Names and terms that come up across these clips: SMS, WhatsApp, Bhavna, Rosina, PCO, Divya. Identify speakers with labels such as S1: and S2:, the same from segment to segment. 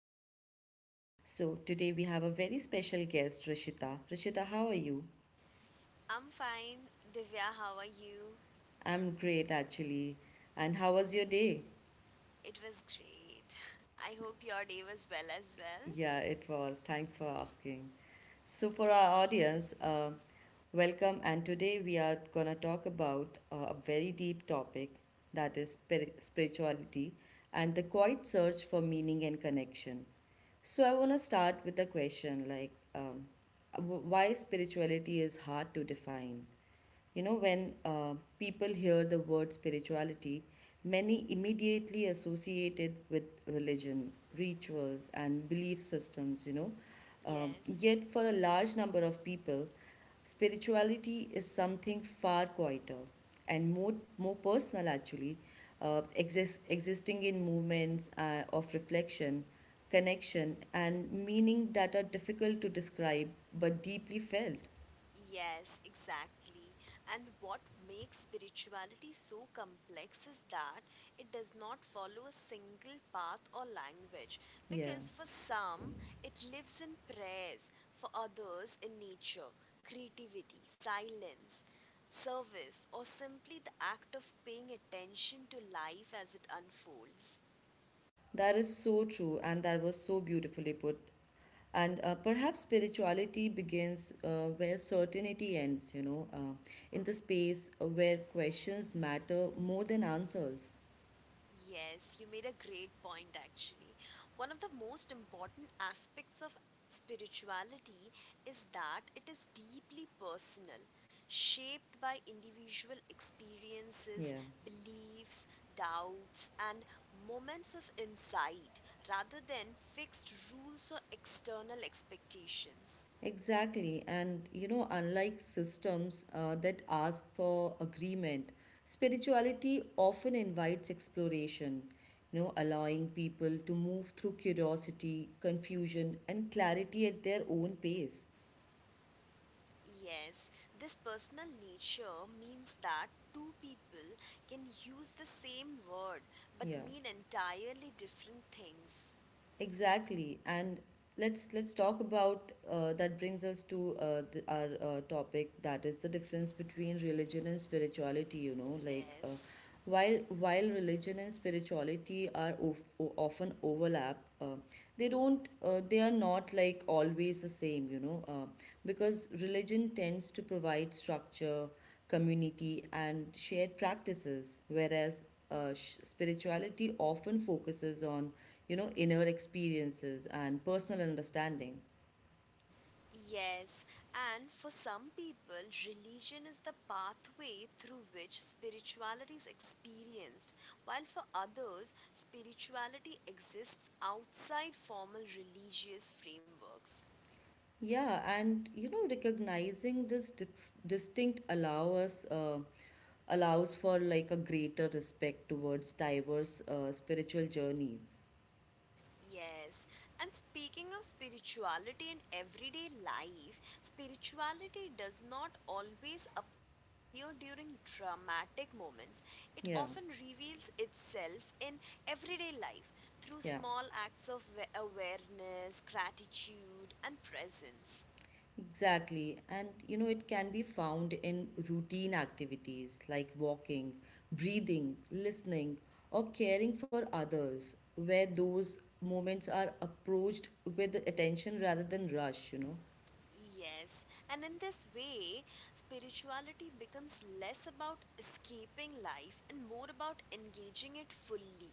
S1: podcast. So, today we have a very special guest, Rishita. Rishita, how are you?
S2: I'm fine. Divya, how are you?
S1: I'm great, actually. And how was your day?
S2: It was great. I hope your day was well as well.
S1: Yeah, it was. Thanks for asking. So, for our
S2: Yes.
S1: audience, welcome. And today we are going to talk about a very deep topic, that is spirituality and the quiet search for meaning and connection. So, I want to start with a question like, why spirituality is hard to define. You know, when people hear the word spirituality, many immediately associate it with religion, rituals, and belief systems.
S2: Yes.
S1: Yet, for a large number of people, spirituality is something far quieter and more personal, actually, existing in movements of reflection, connection, and meaning that are difficult to describe but deeply felt.
S2: Yes, exactly. And what makes spirituality so complex is that it does not follow a single path or language.
S1: Yeah.
S2: Because for some, it lives in prayers; for others, in nature, creativity, silence, service, or simply the act of paying attention to life as it unfolds.
S1: That is so true, and that was so beautifully put. And perhaps spirituality begins where certainty ends, in the space where questions matter more than answers.
S2: Yes, you made a great point actually. One of the most important aspects of spirituality is that it is deeply personal, shaped by individual experiences,
S1: Yeah,
S2: beliefs, doubts, and moments of insight rather than fixed rules or external expectations.
S1: exactly. And, you know, unlike systems that ask for agreement, spirituality often invites exploration, you know, allowing people to move through curiosity, confusion, and clarity at their own pace.
S2: Yes, this personal nature means that two people can use the same word but
S1: Yeah.
S2: mean entirely different things.
S1: Exactly, and let's talk about That brings us to our topic, that is the difference between religion and spirituality. You know,
S2: Yes,
S1: while religion and spirituality often overlap, they are not like always the same. Because religion tends to provide structure, community, and shared practices, whereas spirituality often focuses on, you know, inner experiences and personal understanding.
S2: yes, and for some people, religion is the pathway through which spirituality is experienced, while for others, spirituality exists outside formal religious frameworks.
S1: Yeah, and you know, recognizing this distinct allow us. Allows for like a greater respect towards diverse spiritual journeys.
S2: Yes, and speaking of spirituality in everyday life, spirituality does not always appear during dramatic moments. It often
S1: Yeah.
S2: reveals itself in everyday life through
S1: Yeah.
S2: small acts of awareness, gratitude, and presence.
S1: Exactly. And you know, it can be found in routine activities like walking, breathing, listening, or caring for others, where those moments are approached with attention rather than rush, you know.
S2: Yes, and in this way, spirituality becomes less about escaping life and more about engaging it fully.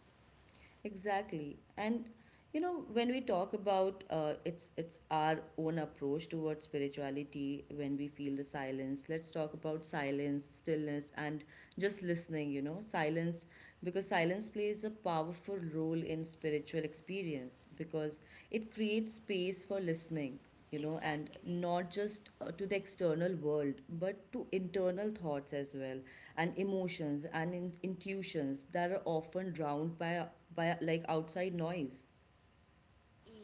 S1: Exactly. And you know, when we talk about it's our own approach towards spirituality, when we feel the silence, let's talk about silence, stillness, and just listening, you know. Silence, because silence plays a powerful role in spiritual experience, because it creates space for listening, you know, and
S2: Exactly.
S1: not just to the external world but to internal thoughts as well, and emotions and intuitions that are often drowned by like outside noise.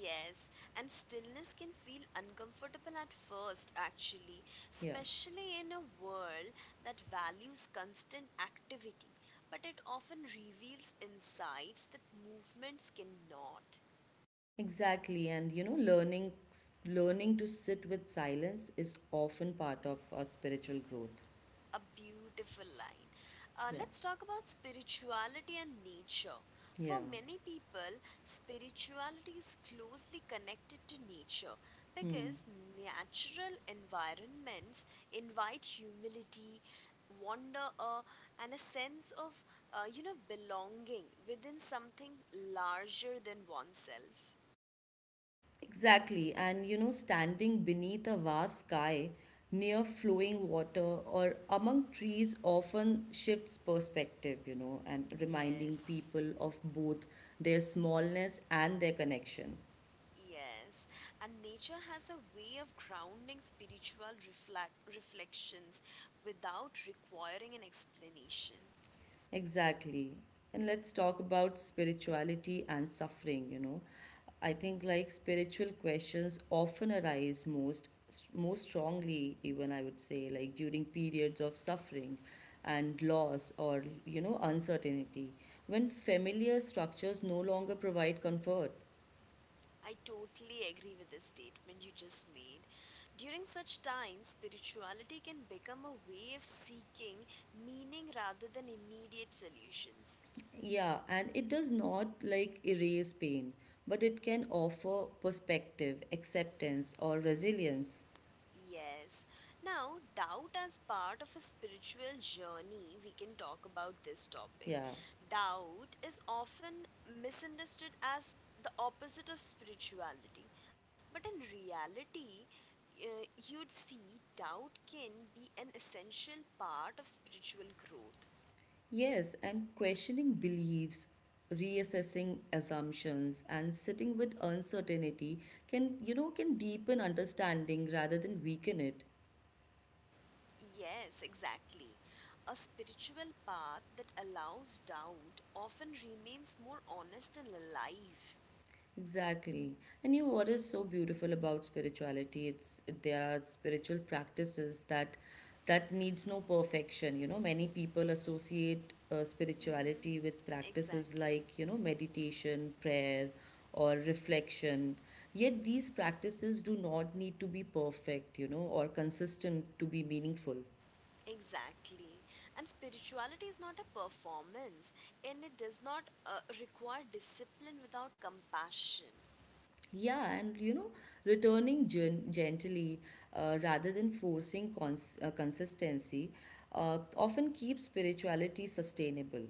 S2: Yes, and stillness can feel uncomfortable at first, actually,
S1: Yeah,
S2: especially in a world that values constant activity. But it often reveals insights that movements cannot.
S1: exactly. And you know, learning to sit with silence is often part of our spiritual growth.
S2: A beautiful line.
S1: Yeah.
S2: Let's talk about spirituality and nature. For
S1: Yeah.
S2: many people, spirituality is closely connected to nature
S1: Hmm.
S2: because natural environments invite humility, wonder, and a sense of belonging within something larger than oneself.
S1: Exactly, and you know, standing beneath a vast sky, near flowing water, or among trees often shifts perspective, you know, and reminding
S2: Yes.
S1: people of both their smallness and their connection.
S2: Yes, and nature has a way of grounding spiritual reflections without requiring an explanation.
S1: Exactly. And let's talk about spirituality and suffering, you know. I think like spiritual questions often arise most strongly, even I would say like during periods of suffering and loss, or you know, uncertainty, when familiar structures no longer provide comfort.
S2: I totally agree with the statement you just made. During such times, spirituality can become a way of seeking meaning rather than immediate solutions.
S1: Yeah, and it does not like erase pain, but it can offer perspective, acceptance, or resilience.
S2: Yes. Now, doubt as part of a spiritual journey, we can talk about this topic.
S1: Yeah.
S2: Doubt is often misunderstood as the opposite of spirituality, but in reality, uh, you'd see doubt can be an essential part of spiritual growth.
S1: Yes, and questioning beliefs, reassessing assumptions, and sitting with uncertainty can, you know, can deepen understanding rather than weaken it.
S2: Yes, exactly. A spiritual path that allows doubt often remains more honest and alive.
S1: Exactly. And you know what is so beautiful about spirituality? It's there are spiritual practices that needs no perfection. You know, many people associate
S2: Hmm.
S1: spirituality with practices
S2: Exactly.
S1: like, you know, meditation, prayer, or reflection. Yet these practices do not need to be perfect, you know, or consistent to be meaningful.
S2: Exactly. And spirituality is not a performance, and it does not require discipline without compassion.
S1: Yeah, and you know, returning gently, rather than forcing consistency, often keeps spirituality sustainable.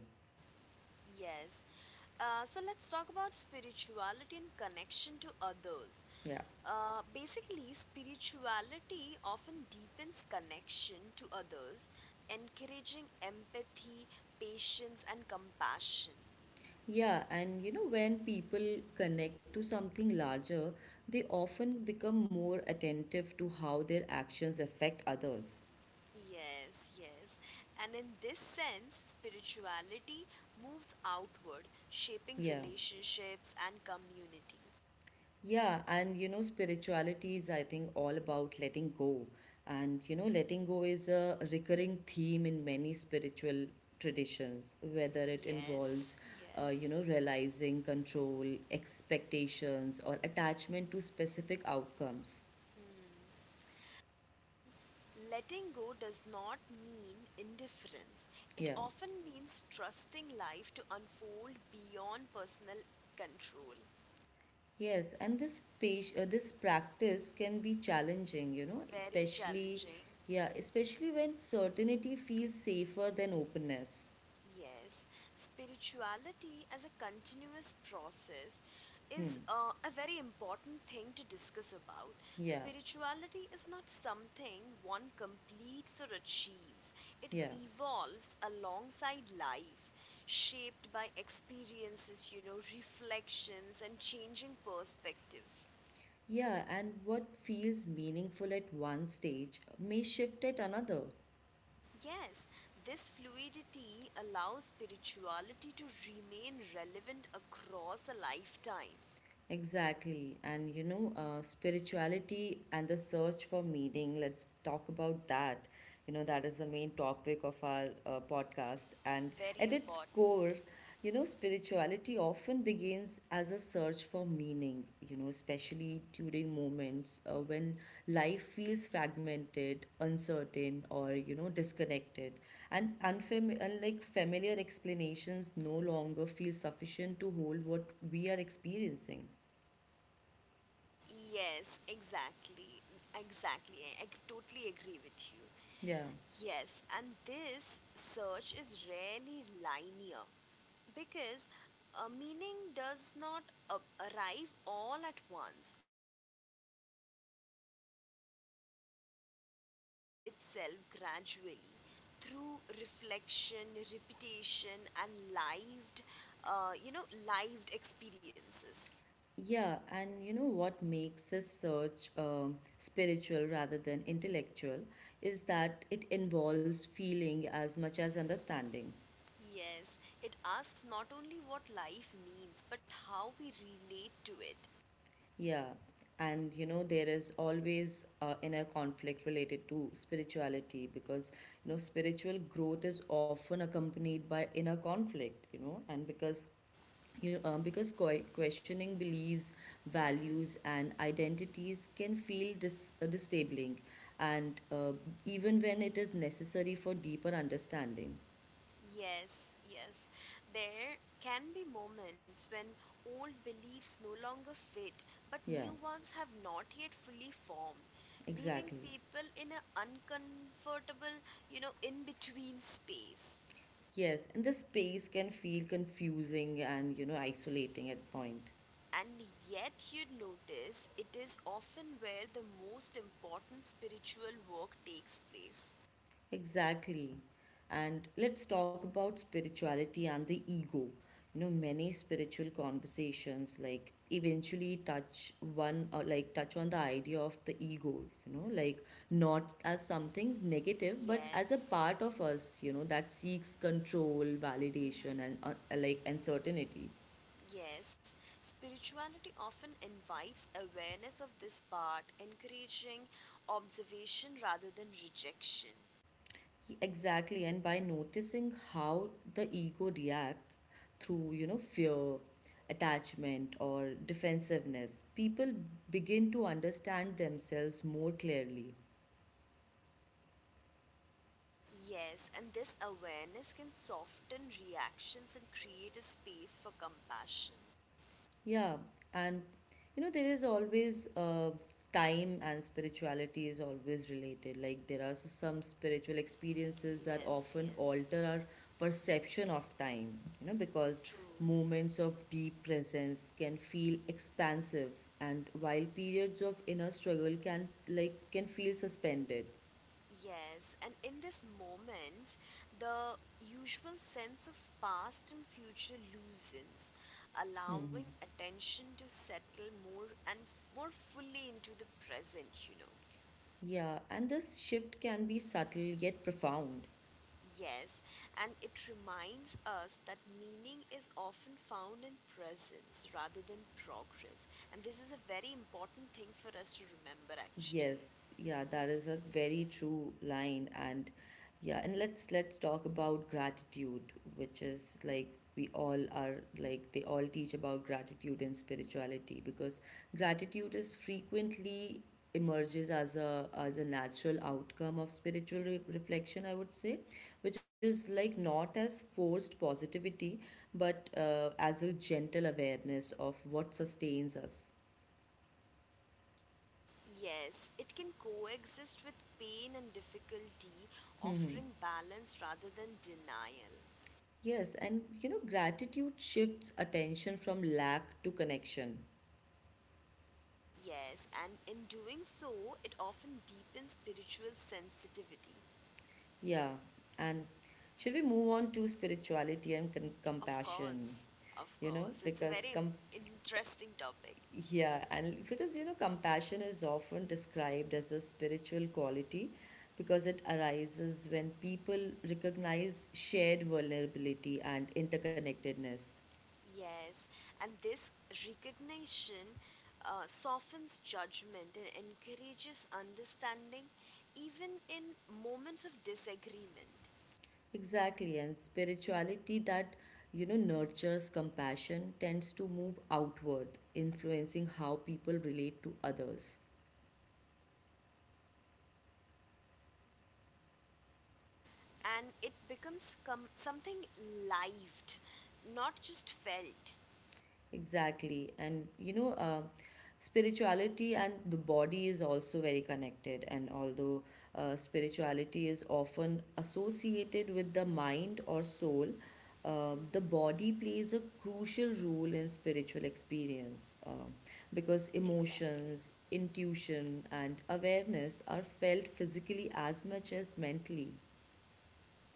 S2: Yes. So let's talk about spirituality and connection to others.
S1: Yeah.
S2: Basically, spirituality often deepens connection to others, encouraging empathy, patience, and compassion.
S1: Yeah, and you know, when people connect to something larger, they often become more attentive to how their actions affect others.
S2: Yes, yes. And in this sense, spirituality moves outward, shaping
S1: Yeah.
S2: relationships and community.
S1: Yeah, and you know, spirituality is, I think, all about letting go. And you know, letting go is a recurring theme in many spiritual traditions, whether it
S2: Yes,
S1: involves, you
S2: yes.
S1: know, realizing control, expectations, or attachment to specific outcomes.
S2: Hmm. And letting go does not mean indifference, it
S1: Yeah.
S2: often means trusting life to unfold beyond personal control.
S1: Yes, and this practice can be challenging, you know,
S2: Very
S1: especially,
S2: challenging.
S1: yeah, especially when certainty feels safer than openness.
S2: Yes, spirituality as a continuous process
S1: Hmm.
S2: is a very important thing to discuss about.
S1: Yeah.
S2: Spirituality is not something one completes or achieves, it
S1: Yeah.
S2: evolves alongside life, shaped by experiences, you know, reflections, and changing perspectives.
S1: Yeah, and what feels meaningful at one stage may shift at another.
S2: Yes, this fluidity allows spirituality to remain relevant across a lifetime.
S1: Exactly. And you know, spirituality and the search for meaning, let's talk about that. You know, that is the main topic of our podcast. And
S2: Very
S1: at its
S2: important.
S1: core, you know, spirituality often begins as a search for meaning, you know, especially during moments when life feels fragmented, uncertain, or, you know, disconnected. And, like familiar explanations no longer feel sufficient to hold what we are experiencing.
S2: Yes, exactly. Exactly. I totally agree with you.
S1: Yeah,
S2: Yes, and this search is rarely linear because a meaning does not arrive all at once or in a neatly packaged insights but reveals itself gradually through reflection, repetition, and lived experiences.
S1: yeah, and you know what makes this search spiritual rather than intellectual is that it involves feeling as much as understanding.
S2: Yes, it asks not only what life means, but how we relate to it.
S1: Yeah, and you know, there is always inner conflict related to spirituality, because you know, spiritual growth is often accompanied by inner conflict. You know, and because questioning beliefs,
S2: Mhm.
S1: values, and identities can feel disabling, and even when it is necessary for deeper understanding.
S2: Yes, yes. There can be moments when old beliefs no longer fit, but new
S1: Yeah,
S2: ones have not yet fully formed, leaving
S1: exactly.
S2: people in an uncomfortable, you know, in between space.
S1: Yes, and the space can feel confusing and, you know, isolating at point.
S2: And yet, you notice it is often where the most important spiritual work takes place.
S1: Exactly. And let's talk about spirituality and the ego. You know, many spiritual conversations like eventually touch one, or like touch on the idea of the ego, you know, like not as something negative, but as a
S2: Yes.
S1: part of us, you know, that seeks control, validation, and,
S2: Hmm.
S1: like uncertainty.
S2: Yes, spirituality often invites awareness of this part, encouraging observation rather than rejection.
S1: Exactly, and by noticing how the ego reacts through, you know, fear, attachment, or defensiveness, people begin to understand themselves more clearly.
S2: Yes, and this awareness can soften reactions and create a space for compassion.
S1: Yeah, and you know, there is always time and spirituality is always related. Like, there are some spiritual experiences that
S2: Yes,
S1: often
S2: yes,
S1: alter our perception of time, you know, because
S2: true.
S1: moments of deep presence can feel expansive, and while periods of inner struggle can feel suspended.
S2: Yes, and in this moment, the usual sense of past and future loosens, allowing attention to settle more fully into the present, you know.
S1: Yeah, and this shift can be subtle yet profound.
S2: Yes, and it reminds us that meaning is often found in presence rather than progress. And this is a very important thing for us to remember, actually.
S1: Yes, yeah, that is a very true line. And yeah, and let's talk about gratitude, which is like we all are like they all teach about gratitude and spirituality, because gratitude is frequently emerges as a natural outcome of spiritual reflection, I would say, which is like not as forced positivity but, as a gentle awareness of what sustains us.
S2: Yes, it can coexist with pain and difficulty, offering balance rather than denial.
S1: Yes, and you know, gratitude shifts attention from lack to connection.
S2: Yes, and in doing so, it often deepens spiritual sensitivity.
S1: Yeah, and should we move on to spirituality and
S2: Of
S1: compassion?
S2: course, of
S1: You know,
S2: course, it's a
S1: because
S2: very
S1: com-
S2: interesting topic.
S1: yeah, and because you know, compassion is often described as a spiritual quality because it arises when people recognize shared vulnerability and interconnectedness.
S2: Yes, and this recognition softens judgment and encourages understanding even in moments of disagreement.
S1: Exactly, and spirituality that you know nurtures compassion tends to move outward, influencing how people relate to others.
S2: And it becomes something lived, not just felt.
S1: Exactly. And you know, spirituality and the body is also very connected. And although spirituality is often associated with the mind or soul, the
S2: Mm-hmm.
S1: body plays a crucial role in spiritual experience, because
S2: Exactly.
S1: emotions, intuition, and awareness are felt physically as much as mentally.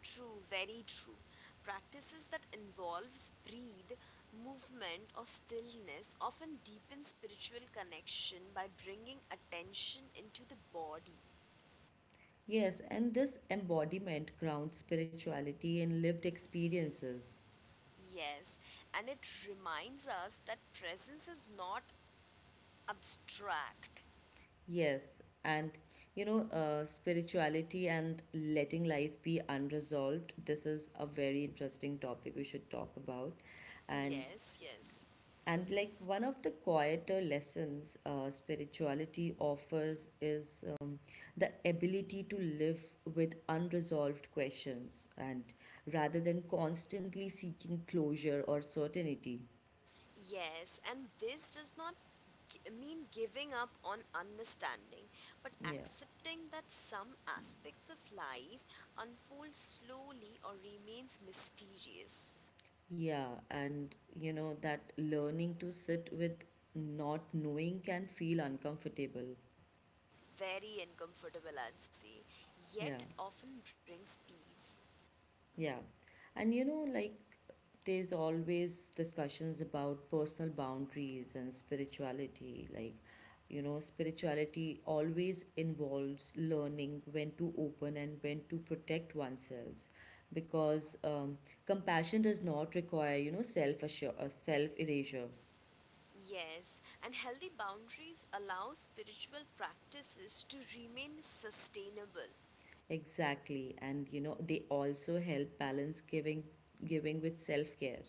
S2: True, very true. Practices that involves breathe, movement, or stillness often deepen spiritual connection by bringing attention into the body.
S1: Yes, and this embodiment grounds spirituality in lived experiences.
S2: Yes, and it reminds us that presence is not abstract.
S1: Yes, and you know, spirituality and letting life be unresolved. This is a very interesting topic we should talk about, and
S2: Yes, yes.
S1: like one of the quieter lessons spirituality offers is, the ability to live with unresolved questions, and rather than constantly seeking closure or certainty.
S2: Yes, and this does not mean giving up on understanding, but
S1: Yeah.
S2: accepting that some aspects of life unfold slowly or remains mysterious.
S1: Yeah, and you know that learning to sit with not knowing can feel uncomfortable.
S2: Very uncomfortable, I'd say, yet
S1: Yeah,
S2: it often brings peace.
S1: yeah. And you know, like there's always discussions about personal boundaries and spirituality. Like, you know, spirituality always involves learning when to open and when to protect oneself, because compassion does not require, you know, self erasure.
S2: Yes, and healthy boundaries allow spiritual practices to remain sustainable.
S1: Exactly, and you know they also help balance giving with self care.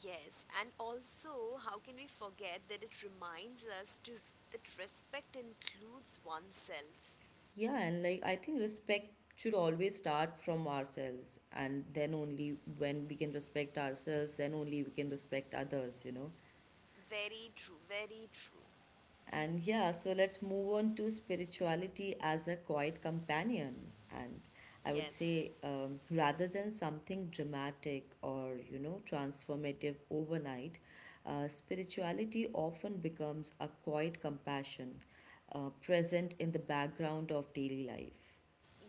S2: Yes, and also, how can we forget that it reminds us to that respect includes oneself.
S1: Yeah, and like I think respect should always start from ourselves, and then only when we can respect ourselves, then only we can respect others, you know.
S2: Very true, very true.
S1: And yeah, so let's move on to spirituality as a quiet companion. And I would say,
S2: Yes,
S1: rather than something dramatic or, you know, transformative overnight, spirituality often becomes a quiet compassion, present in the background of daily life.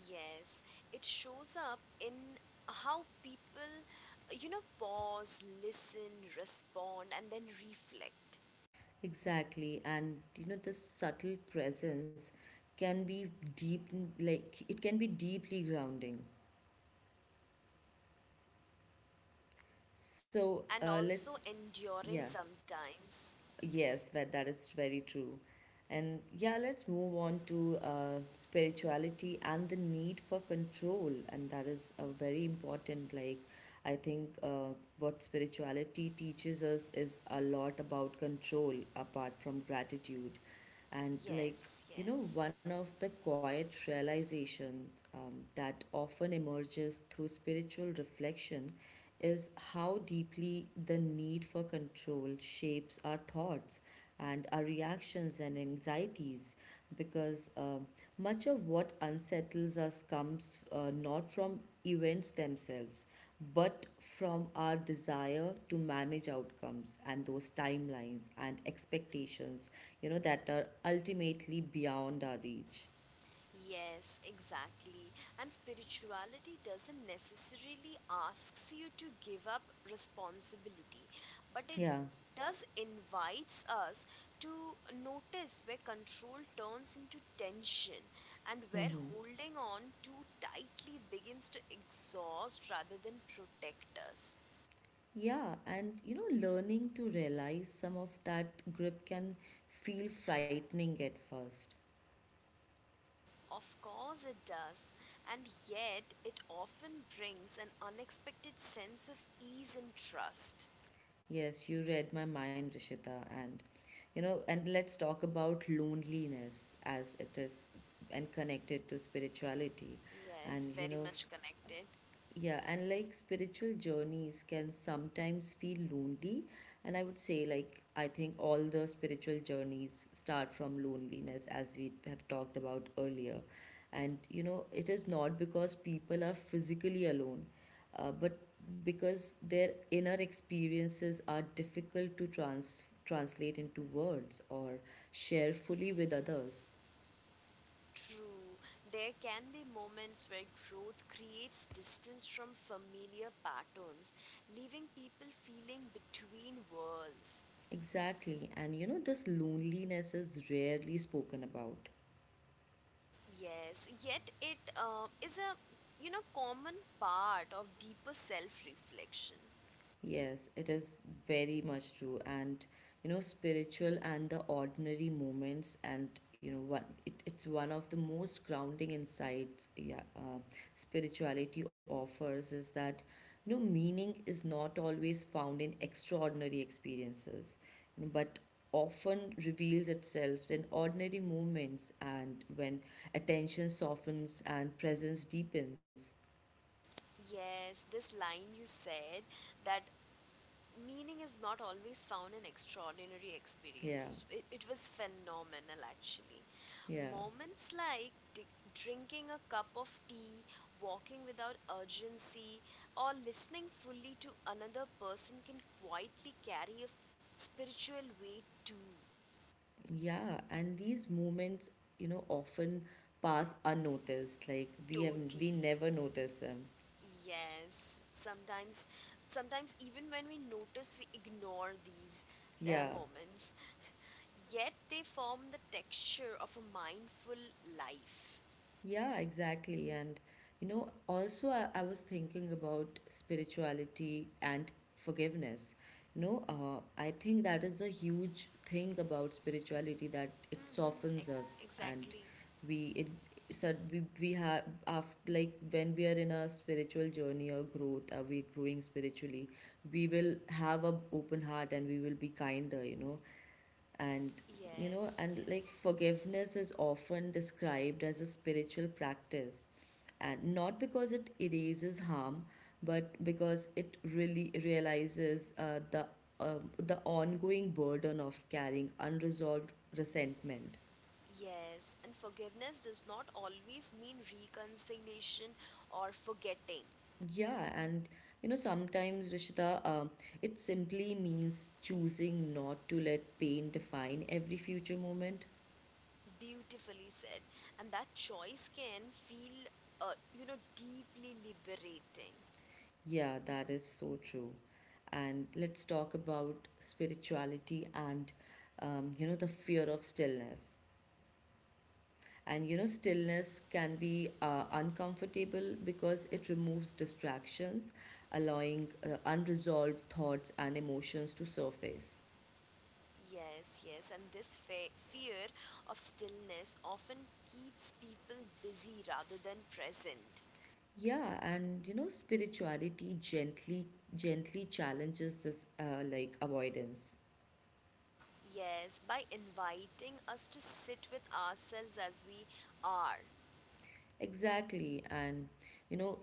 S2: yes. It shows up in how people, you know, pause, listen, respond, and then reflect.
S1: Exactly, and you know this subtle presence can be deep, like it can be deeply grounding. So
S2: And also
S1: let's,
S2: enduring
S1: yeah.
S2: sometimes.
S1: Yes, that is very true. And yeah, let's move on to spirituality and the need for control. And that is a very important, like, I think what spirituality teaches us is a lot about control apart from gratitude. And like,
S2: Yes,
S1: you know,
S2: yes.
S1: one of the quiet realizations that often emerges through spiritual reflection is how deeply the need for control shapes our thoughts and our reactions and anxieties because much of what unsettles us comes not from events themselves, but from our desire to manage outcomes and those timelines and expectations, you know, that are ultimately beyond our reach.
S2: Yes, exactly. And spirituality doesn't necessarily asks you to give up responsibility, but it
S1: Yeah,
S2: does invites us to notice where control turns into tension and where
S1: mm-hmm.
S2: holding on too tightly begins to exhaust rather than protect us.
S1: Yeah, and you know, learning to realize some of that grip can feel frightening at first.
S2: Of course, it does, and yet it often brings an unexpected sense of ease and trust.
S1: Yes, you read my mind, Rishita, and you know, and let's talk about loneliness as it is and connected to spirituality.
S2: Yes,
S1: And you
S2: very
S1: know,
S2: much connected.
S1: yeah, and like spiritual journeys can sometimes feel lonely. And I would say, like, I think all the spiritual journeys start from loneliness, as we have talked about earlier. And, you know, it is not because people are physically alone, but because their inner experiences are difficult to translate into words or share fully with others.
S2: True. There can be moments where growth creates distance from familiar patterns, leaving people feeling between worlds.
S1: Exactly. And, you know, this loneliness is rarely spoken about.
S2: Yes, yet it is a you know common part of deeper self-reflection.
S1: Yes, it is very much true. And you know, spiritual and the ordinary moments, and you know, it's one of the most grounding insights, yeah, spirituality offers is that, you know, meaning is not always found in extraordinary experiences, you know, but often reveals itself in ordinary moments and when attention softens and presence deepens.
S2: Yes, this line you said that meaning is not always found in extraordinary
S1: Yeah,
S2: experiences. It was phenomenal actually.
S1: yeah.
S2: Moments like drinking a cup of tea, walking without urgency, or listening fully to another person can quietly carry a spiritual weight too.
S1: Yeah, and these moments, you know, often pass unnoticed. Like we
S2: Totally.
S1: never notice them.
S2: Yes. Sometimes, sometimes even when we notice, we ignore these
S1: Yeah.
S2: moments. Yet they form the texture of a mindful life.
S1: Yeah, exactly. And you know, also I was thinking about spirituality and forgiveness. You know, I think that is a huge thing about spirituality, that it
S2: Hmm.
S1: softens us and
S2: Exactly.
S1: we it we have, after, like, when we are in a spiritual journey or growth, are we growing spiritually, we will have a open heart and we will be kinder, you know. And you know,
S2: Yes.
S1: and like
S2: Yes.
S1: forgiveness is often described as a spiritual practice, and not because it erases harm, but because it really realizes the ongoing burden of carrying unresolved resentment.
S2: Yes, and forgiveness does not always mean reconciliation or forgetting.
S1: Yeah, and you know, sometimes Rishita, it simply means choosing not to let pain define every future moment.
S2: Beautifully said. And that choice can feel, deeply liberating.
S1: Yeah, that is so true. And let's talk about spirituality and, you know, the fear of stillness. And, you know, stillness can be uncomfortable because it removes distractions, allowing unresolved thoughts and emotions to surface.
S2: Yes, yes, and this fear of stillness often keeps people busy rather than present.
S1: Yeah, and, you know, spirituality gently challenges this, like, avoidance.
S2: Yes, by inviting us to sit with ourselves as we are.
S1: Exactly. And, you know,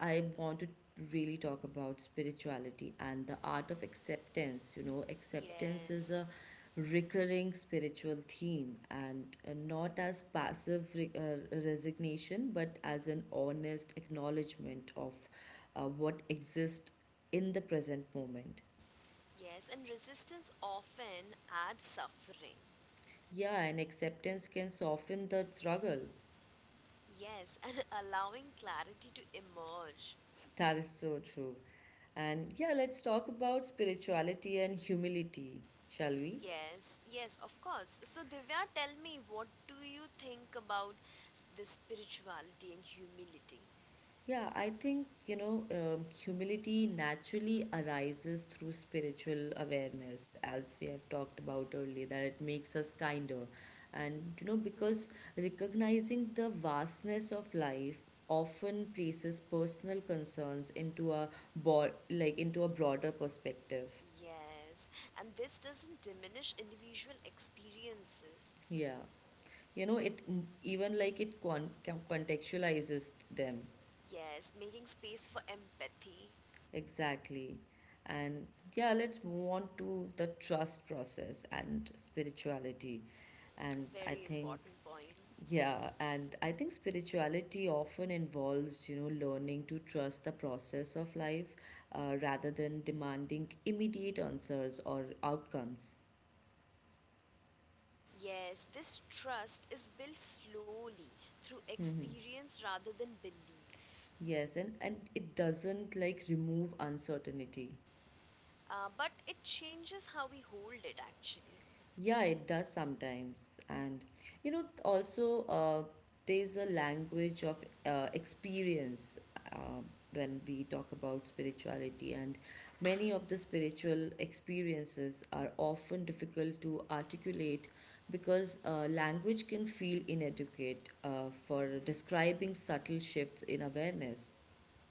S1: I want to really talk about spirituality and the art of acceptance. You know, acceptance is
S2: Yes,
S1: a recurring spiritual theme and not as passive resignation, but as an honest acknowledgement of what exists in the present moment.
S2: yes, and resistance often adds suffering.
S1: Yeah, and acceptance can soften the struggle.
S2: Yes, and allowing clarity to emerge.
S1: That is so true. And yeah, let's talk about spirituality and humility, shall we?
S2: Yes, yes, of course. So, Divya, tell me, what do you think about the spirituality and humility?
S1: Yeah, I think, you know, humility naturally arises through spiritual awareness, as we have talked about earlier, that it makes us kinder. And, you know, because recognizing the vastness of life often places personal concerns into a into a broader perspective.
S2: Yes, and this doesn't diminish individual experiences.
S1: Yeah. You know, it, even like it contextualizes them.
S2: Yes, making space for empathy,
S1: Exactly. And yeah, let's move on to the trust process and spirituality. And I
S2: very
S1: think,
S2: important point.
S1: yeah, and I think spirituality often involves, you know, learning to trust the process of life, rather than demanding immediate answers or outcomes.
S2: Yes, this trust is built slowly through
S1: Hmm.
S2: experience rather than belief.
S1: Yes, and it doesn't like remove uncertainty.
S2: But it changes how we hold it actually.
S1: Yeah, it does sometimes. And you know, also, there's a language of experience, uh, when we talk about spirituality, and many of the spiritual experiences are often difficult to articulate because language can feel inadequate for
S2: Mhm.
S1: describing subtle shifts in awareness.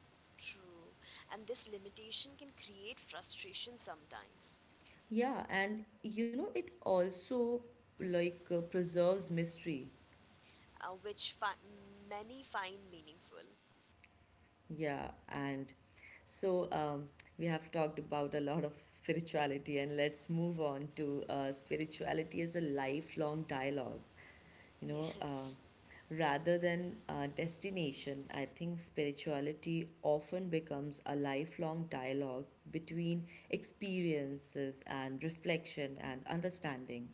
S2: True, and this limitation can create frustration sometimes,
S1: Yeah, and you know, it also like preserves mystery.
S2: which many find meaningful.
S1: Yeah, and so, we have talked about a lot of spirituality, and let's move on to spirituality as a lifelong dialogue. You know,
S2: Yes,
S1: rather than a destination, I think spirituality often becomes a lifelong dialogue between experiences and reflection and understanding.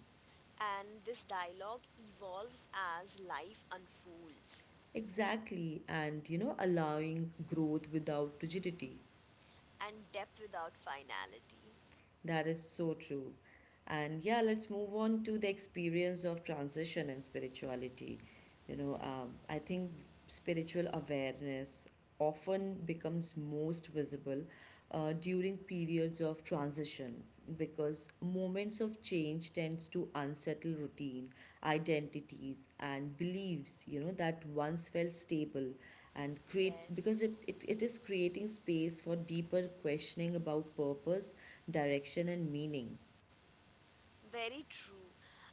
S2: and this dialogue evolves as life unfolds
S1: Exactly, and you know, allowing growth without rigidity.
S2: and depth without finality.
S1: That is so true. And yeah, let's move on to the experience of transition and spirituality. You know,
S2: Hmm.
S1: I think spiritual awareness often becomes most visible during periods of transition because moments of change tends to unsettle routine identities and beliefs, you know, that once felt stable, and create because it,
S2: Yes.
S1: it, it is creating space for deeper questioning about purpose, direction and meaning.
S2: Very true.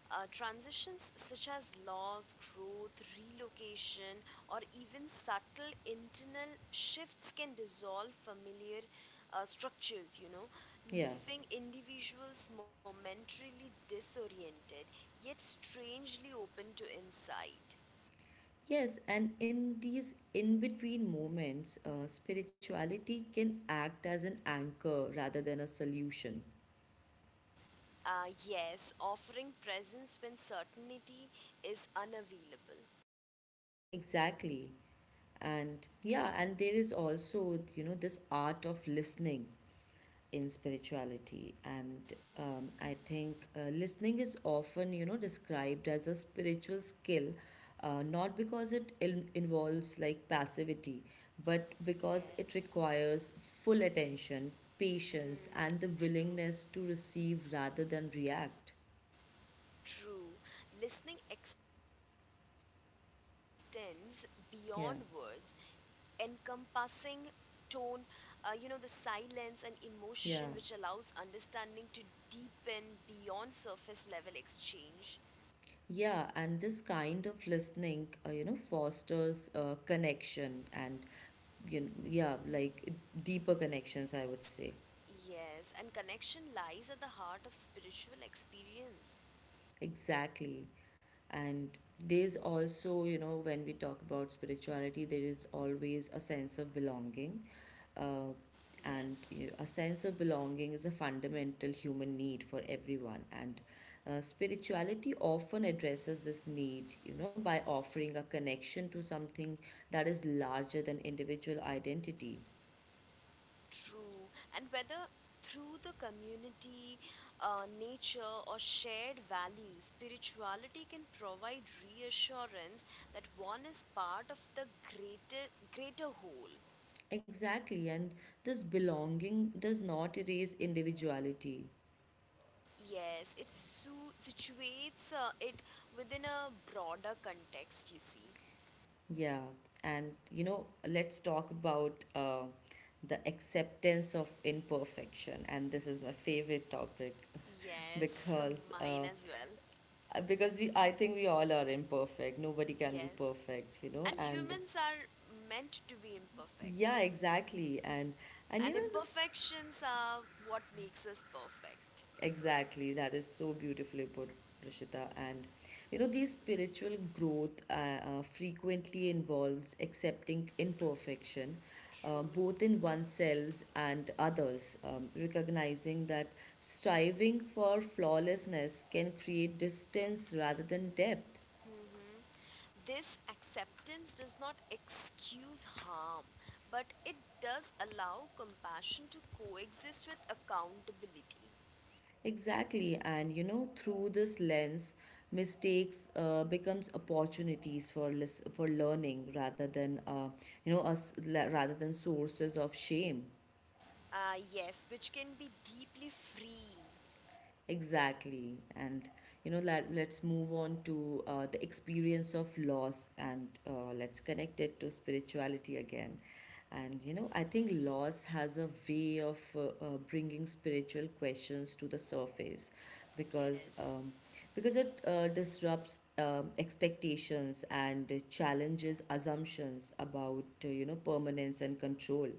S2: Transitions such as loss, growth, relocation, or even subtle internal shifts can dissolve familiar structures, you know,
S1: Yeah.
S2: leaving individuals momentarily disoriented yet strangely open to insight.
S1: Yes, and in these in between moments, spirituality can act as an anchor rather than a solution.
S2: Yes, offering presence when certainty is unavailable.
S1: Exactly. And yeah, and there is also, you know, this art of listening in spirituality. And I think listening is often, you know, described as a spiritual skill, not because it in involves like passivity, but because it
S2: Yes.
S1: requires full attention, patience,
S2: Hmm,
S1: and the
S2: true.
S1: willingness to receive rather than react.
S2: True, listening extends beyond words,
S1: Yeah,
S2: encompassing tone, the silence and emotion which allows understanding to
S1: yeah.
S2: deepen beyond surface level exchange.
S1: Yeah, and this kind of listening, you know, fosters connection and, you know, yeah, like deeper connections, I would say.
S2: Yes, and connection lies at the heart of spiritual experience.
S1: Exactly. And there's also, you know, when we talk about spirituality, there is always a sense of belonging, uh, and
S2: Yes.
S1: you know, a sense of belonging is a fundamental human need for everyone, and spirituality often addresses this need, you know, by offering a connection to something that is larger than individual identity.
S2: True. And whether through the community, nature, or shared values, spirituality can provide reassurance that one is part of the greater, greater whole.
S1: Exactly, and this belonging does not erase individuality.
S2: Yes, it situates it within a broader context, you see.
S1: Yeah, and you know, let's talk about the acceptance of imperfection, and this is my favorite topic
S2: Yes,
S1: because
S2: mine as well.
S1: uh, because we, I think we all are imperfect, nobody can be
S2: Yes.
S1: perfect, you know.
S2: And
S1: And
S2: humans are meant to be imperfect,
S1: yeah, exactly, and you
S2: and
S1: know this,
S2: imperfections are what makes us perfect.
S1: exactly, that is so beautifully put, Rishita, and you know, these spiritual growth, frequently involves accepting imperfection,
S2: True.
S1: both in oneself and others, recognizing that striving for flawlessness can create distance rather than depth.
S2: Hmm. This acceptance does not excuse harm, but it does allow compassion to coexist with accountability.
S1: Exactly, and you know, through this lens, mistakes becomes opportunities for for learning rather than rather than sources of shame.
S2: Ah, yes, which can be deeply freeing.
S1: Exactly. And you know, let's move on to the experience of loss, and let's connect it to spirituality again. And you know, I think loss has a way of bringing spiritual questions to the surface because
S2: Yes,
S1: um, because it disrupts expectations and challenges assumptions about, you know, permanence and control.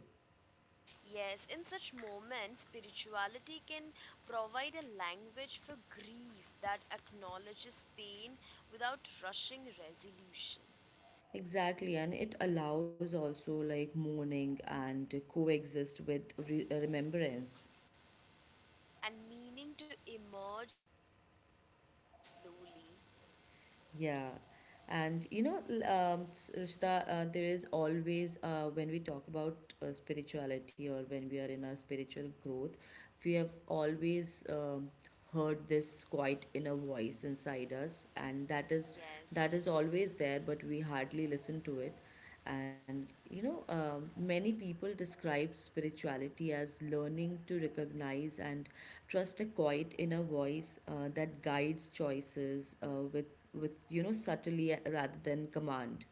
S2: yes, in such moments, spirituality can provide a language for grief that acknowledges pain without rushing resolution
S1: Exactly, and it allows also like mourning and coexist with remembrance.
S2: and meaning to emerge slowly.
S1: Yeah. And you know, Rishita, there is always, when we talk about spirituality or when we are in our spiritual growth, we have always heard this quiet inner voice inside us, and that
S2: Yes.
S1: is always there, but we hardly listen to it. And you know, many people describe spirituality as learning to recognize and trust a quiet inner voice that guides choices with you know subtly, rather than command.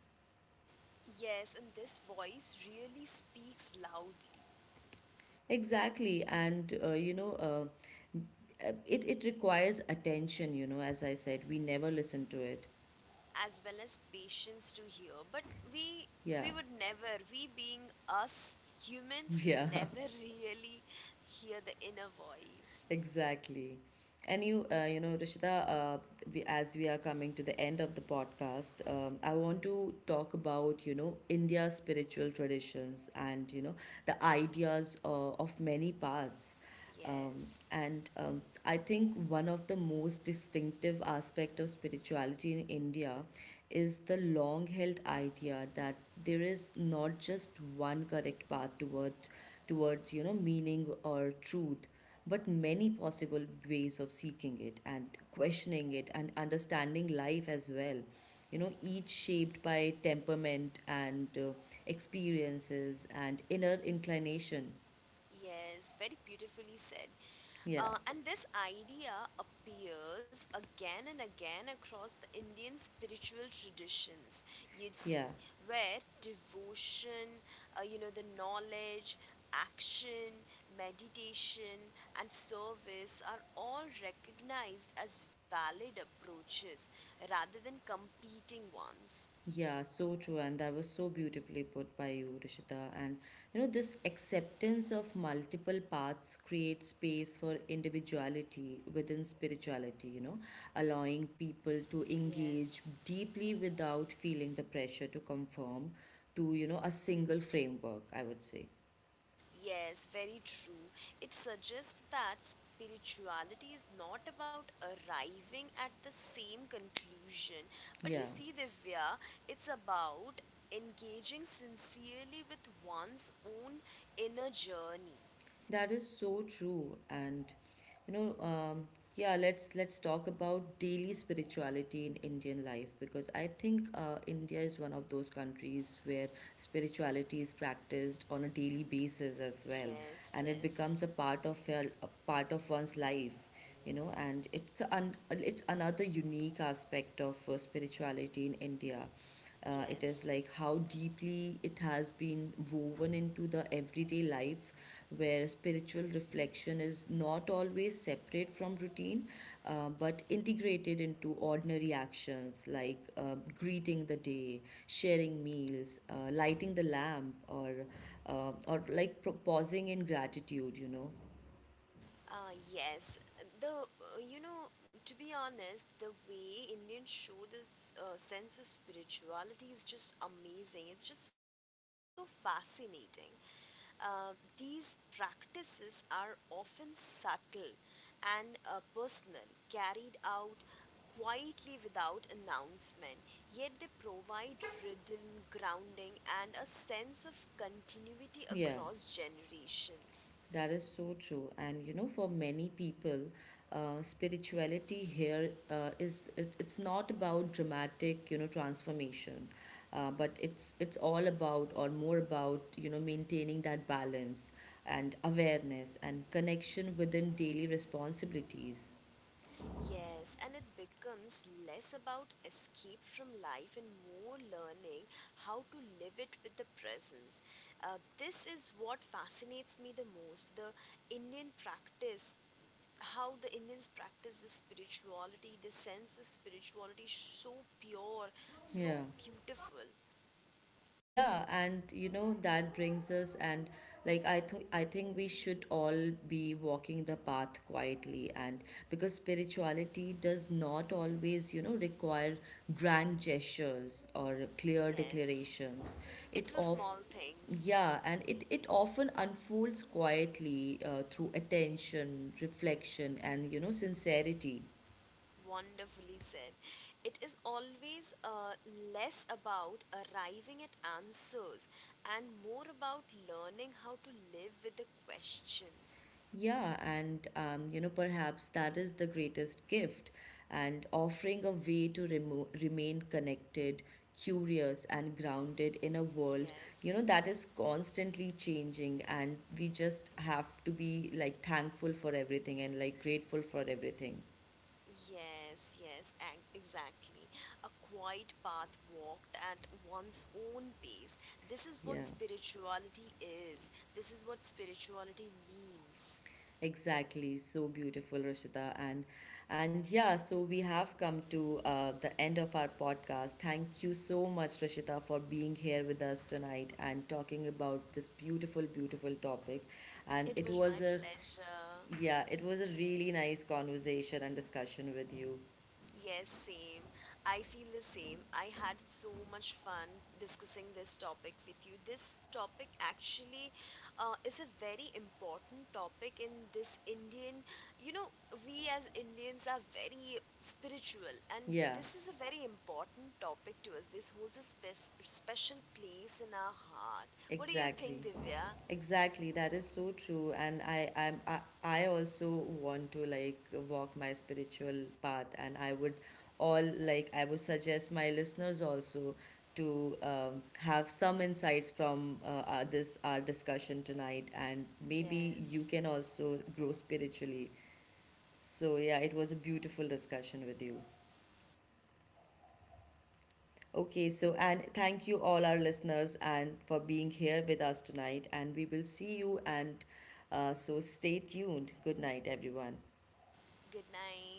S2: Yes, and this voice really speaks loudly
S1: Exactly, and you know, it requires attention, you know, as I said, we never listen to it.
S2: as well as patience to hear. But we
S1: Yeah.
S2: we would never, we being us humans would
S1: Yeah.
S2: never really hear the inner voice.
S1: Exactly. And you, you know, Rishita, we, as we are coming to the end of the podcast, I want to talk about, you know, India's spiritual traditions and, you know, the ideas of many paths.
S2: Yes.
S1: And I think one of the most distinctive aspect of spirituality in India is the long-held idea that there is not just one correct path towards, you know, meaning or truth, but many possible ways of seeking it and questioning it and understanding life as well, you know, each shaped by temperament and experiences and inner inclination.
S2: Yes, very beautifully said.
S1: Yeah,
S2: And this idea appears again and again across the Indian spiritual traditions, you see,
S1: yeah.
S2: where devotion, the knowledge, action, meditation, and service are all recognized as valid approaches rather than competing ones.
S1: Yeah, so true, and that was so beautifully put by you, Rishita. And you know, this acceptance of multiple paths creates space for individuality within spirituality, you know, allowing people to engage
S2: Yes.
S1: deeply without feeling the pressure to conform to, you know, a single framework, I would say.
S2: Yes, very true. It suggests that spirituality is not about arriving at the same conclusion. But
S1: Yeah.
S2: you see, Divya, it's about engaging sincerely with one's own inner journey.
S1: That is so true, and you know, yeah. Let's talk about daily spirituality in Indian life, because I think India is one of those countries where spirituality is practiced on a daily basis as well,
S2: Yes,
S1: and it
S2: yes,
S1: becomes a part of your, a part of one's life, you know, and it's an, it's another unique aspect of spirituality in India. It is
S2: yes.
S1: like how deeply it has been woven into the everyday life, where spiritual reflection is not always separate from routine, but integrated into ordinary actions like greeting the day, sharing meals, lighting the lamp, or like proposing in gratitude, you know.
S2: Yes, the you know to be honest, the way Indians show this sense of spirituality is just amazing. It's just so fascinating. Uh, these practices are often subtle and personal, carried out quietly without announcement, yet they provide rhythm, grounding, and a sense of continuity
S1: Yeah,
S2: across generations.
S1: that is so true. And you know, for many people, spirituality here it's not about dramatic, you know, transformation, but it's all about, or more about, you know, maintaining that balance and awareness and connection within daily responsibilities.
S2: Yes, and it becomes less about escape from life and more learning how to live it with the presence. This is what fascinates me the most the Indian practice, how the Indians practice the spirituality, the sense of spirituality, so pure, so
S1: Yeah.
S2: beautiful.
S1: Yeah, and you know, that brings us, and like I think we should all be walking the path quietly, and because spirituality does not always, you know, require grand gestures or clear
S2: Yes,
S1: declarations. It
S2: it's the
S1: of,
S2: small things.
S1: yeah, and it often unfolds quietly, through attention, reflection, and you know, sincerity.
S2: Wonderfully said. It is always less about arriving at answers and more about learning how to live with the questions.
S1: Yeah, and you know, perhaps that is the greatest gift, and offering a way to remo remain connected, curious, and grounded in a world, you know,
S2: Yes,
S1: that is constantly changing, and we just have to be like thankful for everything and like grateful for everything.
S2: yes, yes, exactly. A quiet path walked at one's own pace. This is what
S1: Yeah.
S2: spirituality is, this is what spirituality means.
S1: Exactly, so beautiful, Rishita, and yeah, so we have come to the end of our podcast. Thank you so much, Rishita, for being here with us tonight and talking about this beautiful, beautiful topic. And
S2: It
S1: it
S2: was my
S1: was a,
S2: pleasure.
S1: yeah, it was a really nice conversation and discussion with you.
S2: Yes, same. I feel the same. I had so much fun discussing this topic with you. This topic actually is a very important topic in this Indian. You know, we as Indians are very spiritual, and
S1: Yeah,
S2: this is a very important topic to us. This holds a special place in our heart. What do you think,
S1: exactly.
S2: Divya?
S1: Exactly, that is so true, and I I'm, I also want to like walk my spiritual path, and I would all like I would suggest my listeners also to have some insights from this our discussion tonight, and maybe you
S2: Yes.
S1: can also grow spiritually. So yeah, it was a beautiful discussion with you. Okay, so and thank you all our listeners and for being here with us tonight. And we will see you, and so stay tuned. Good night, everyone.
S2: Good night.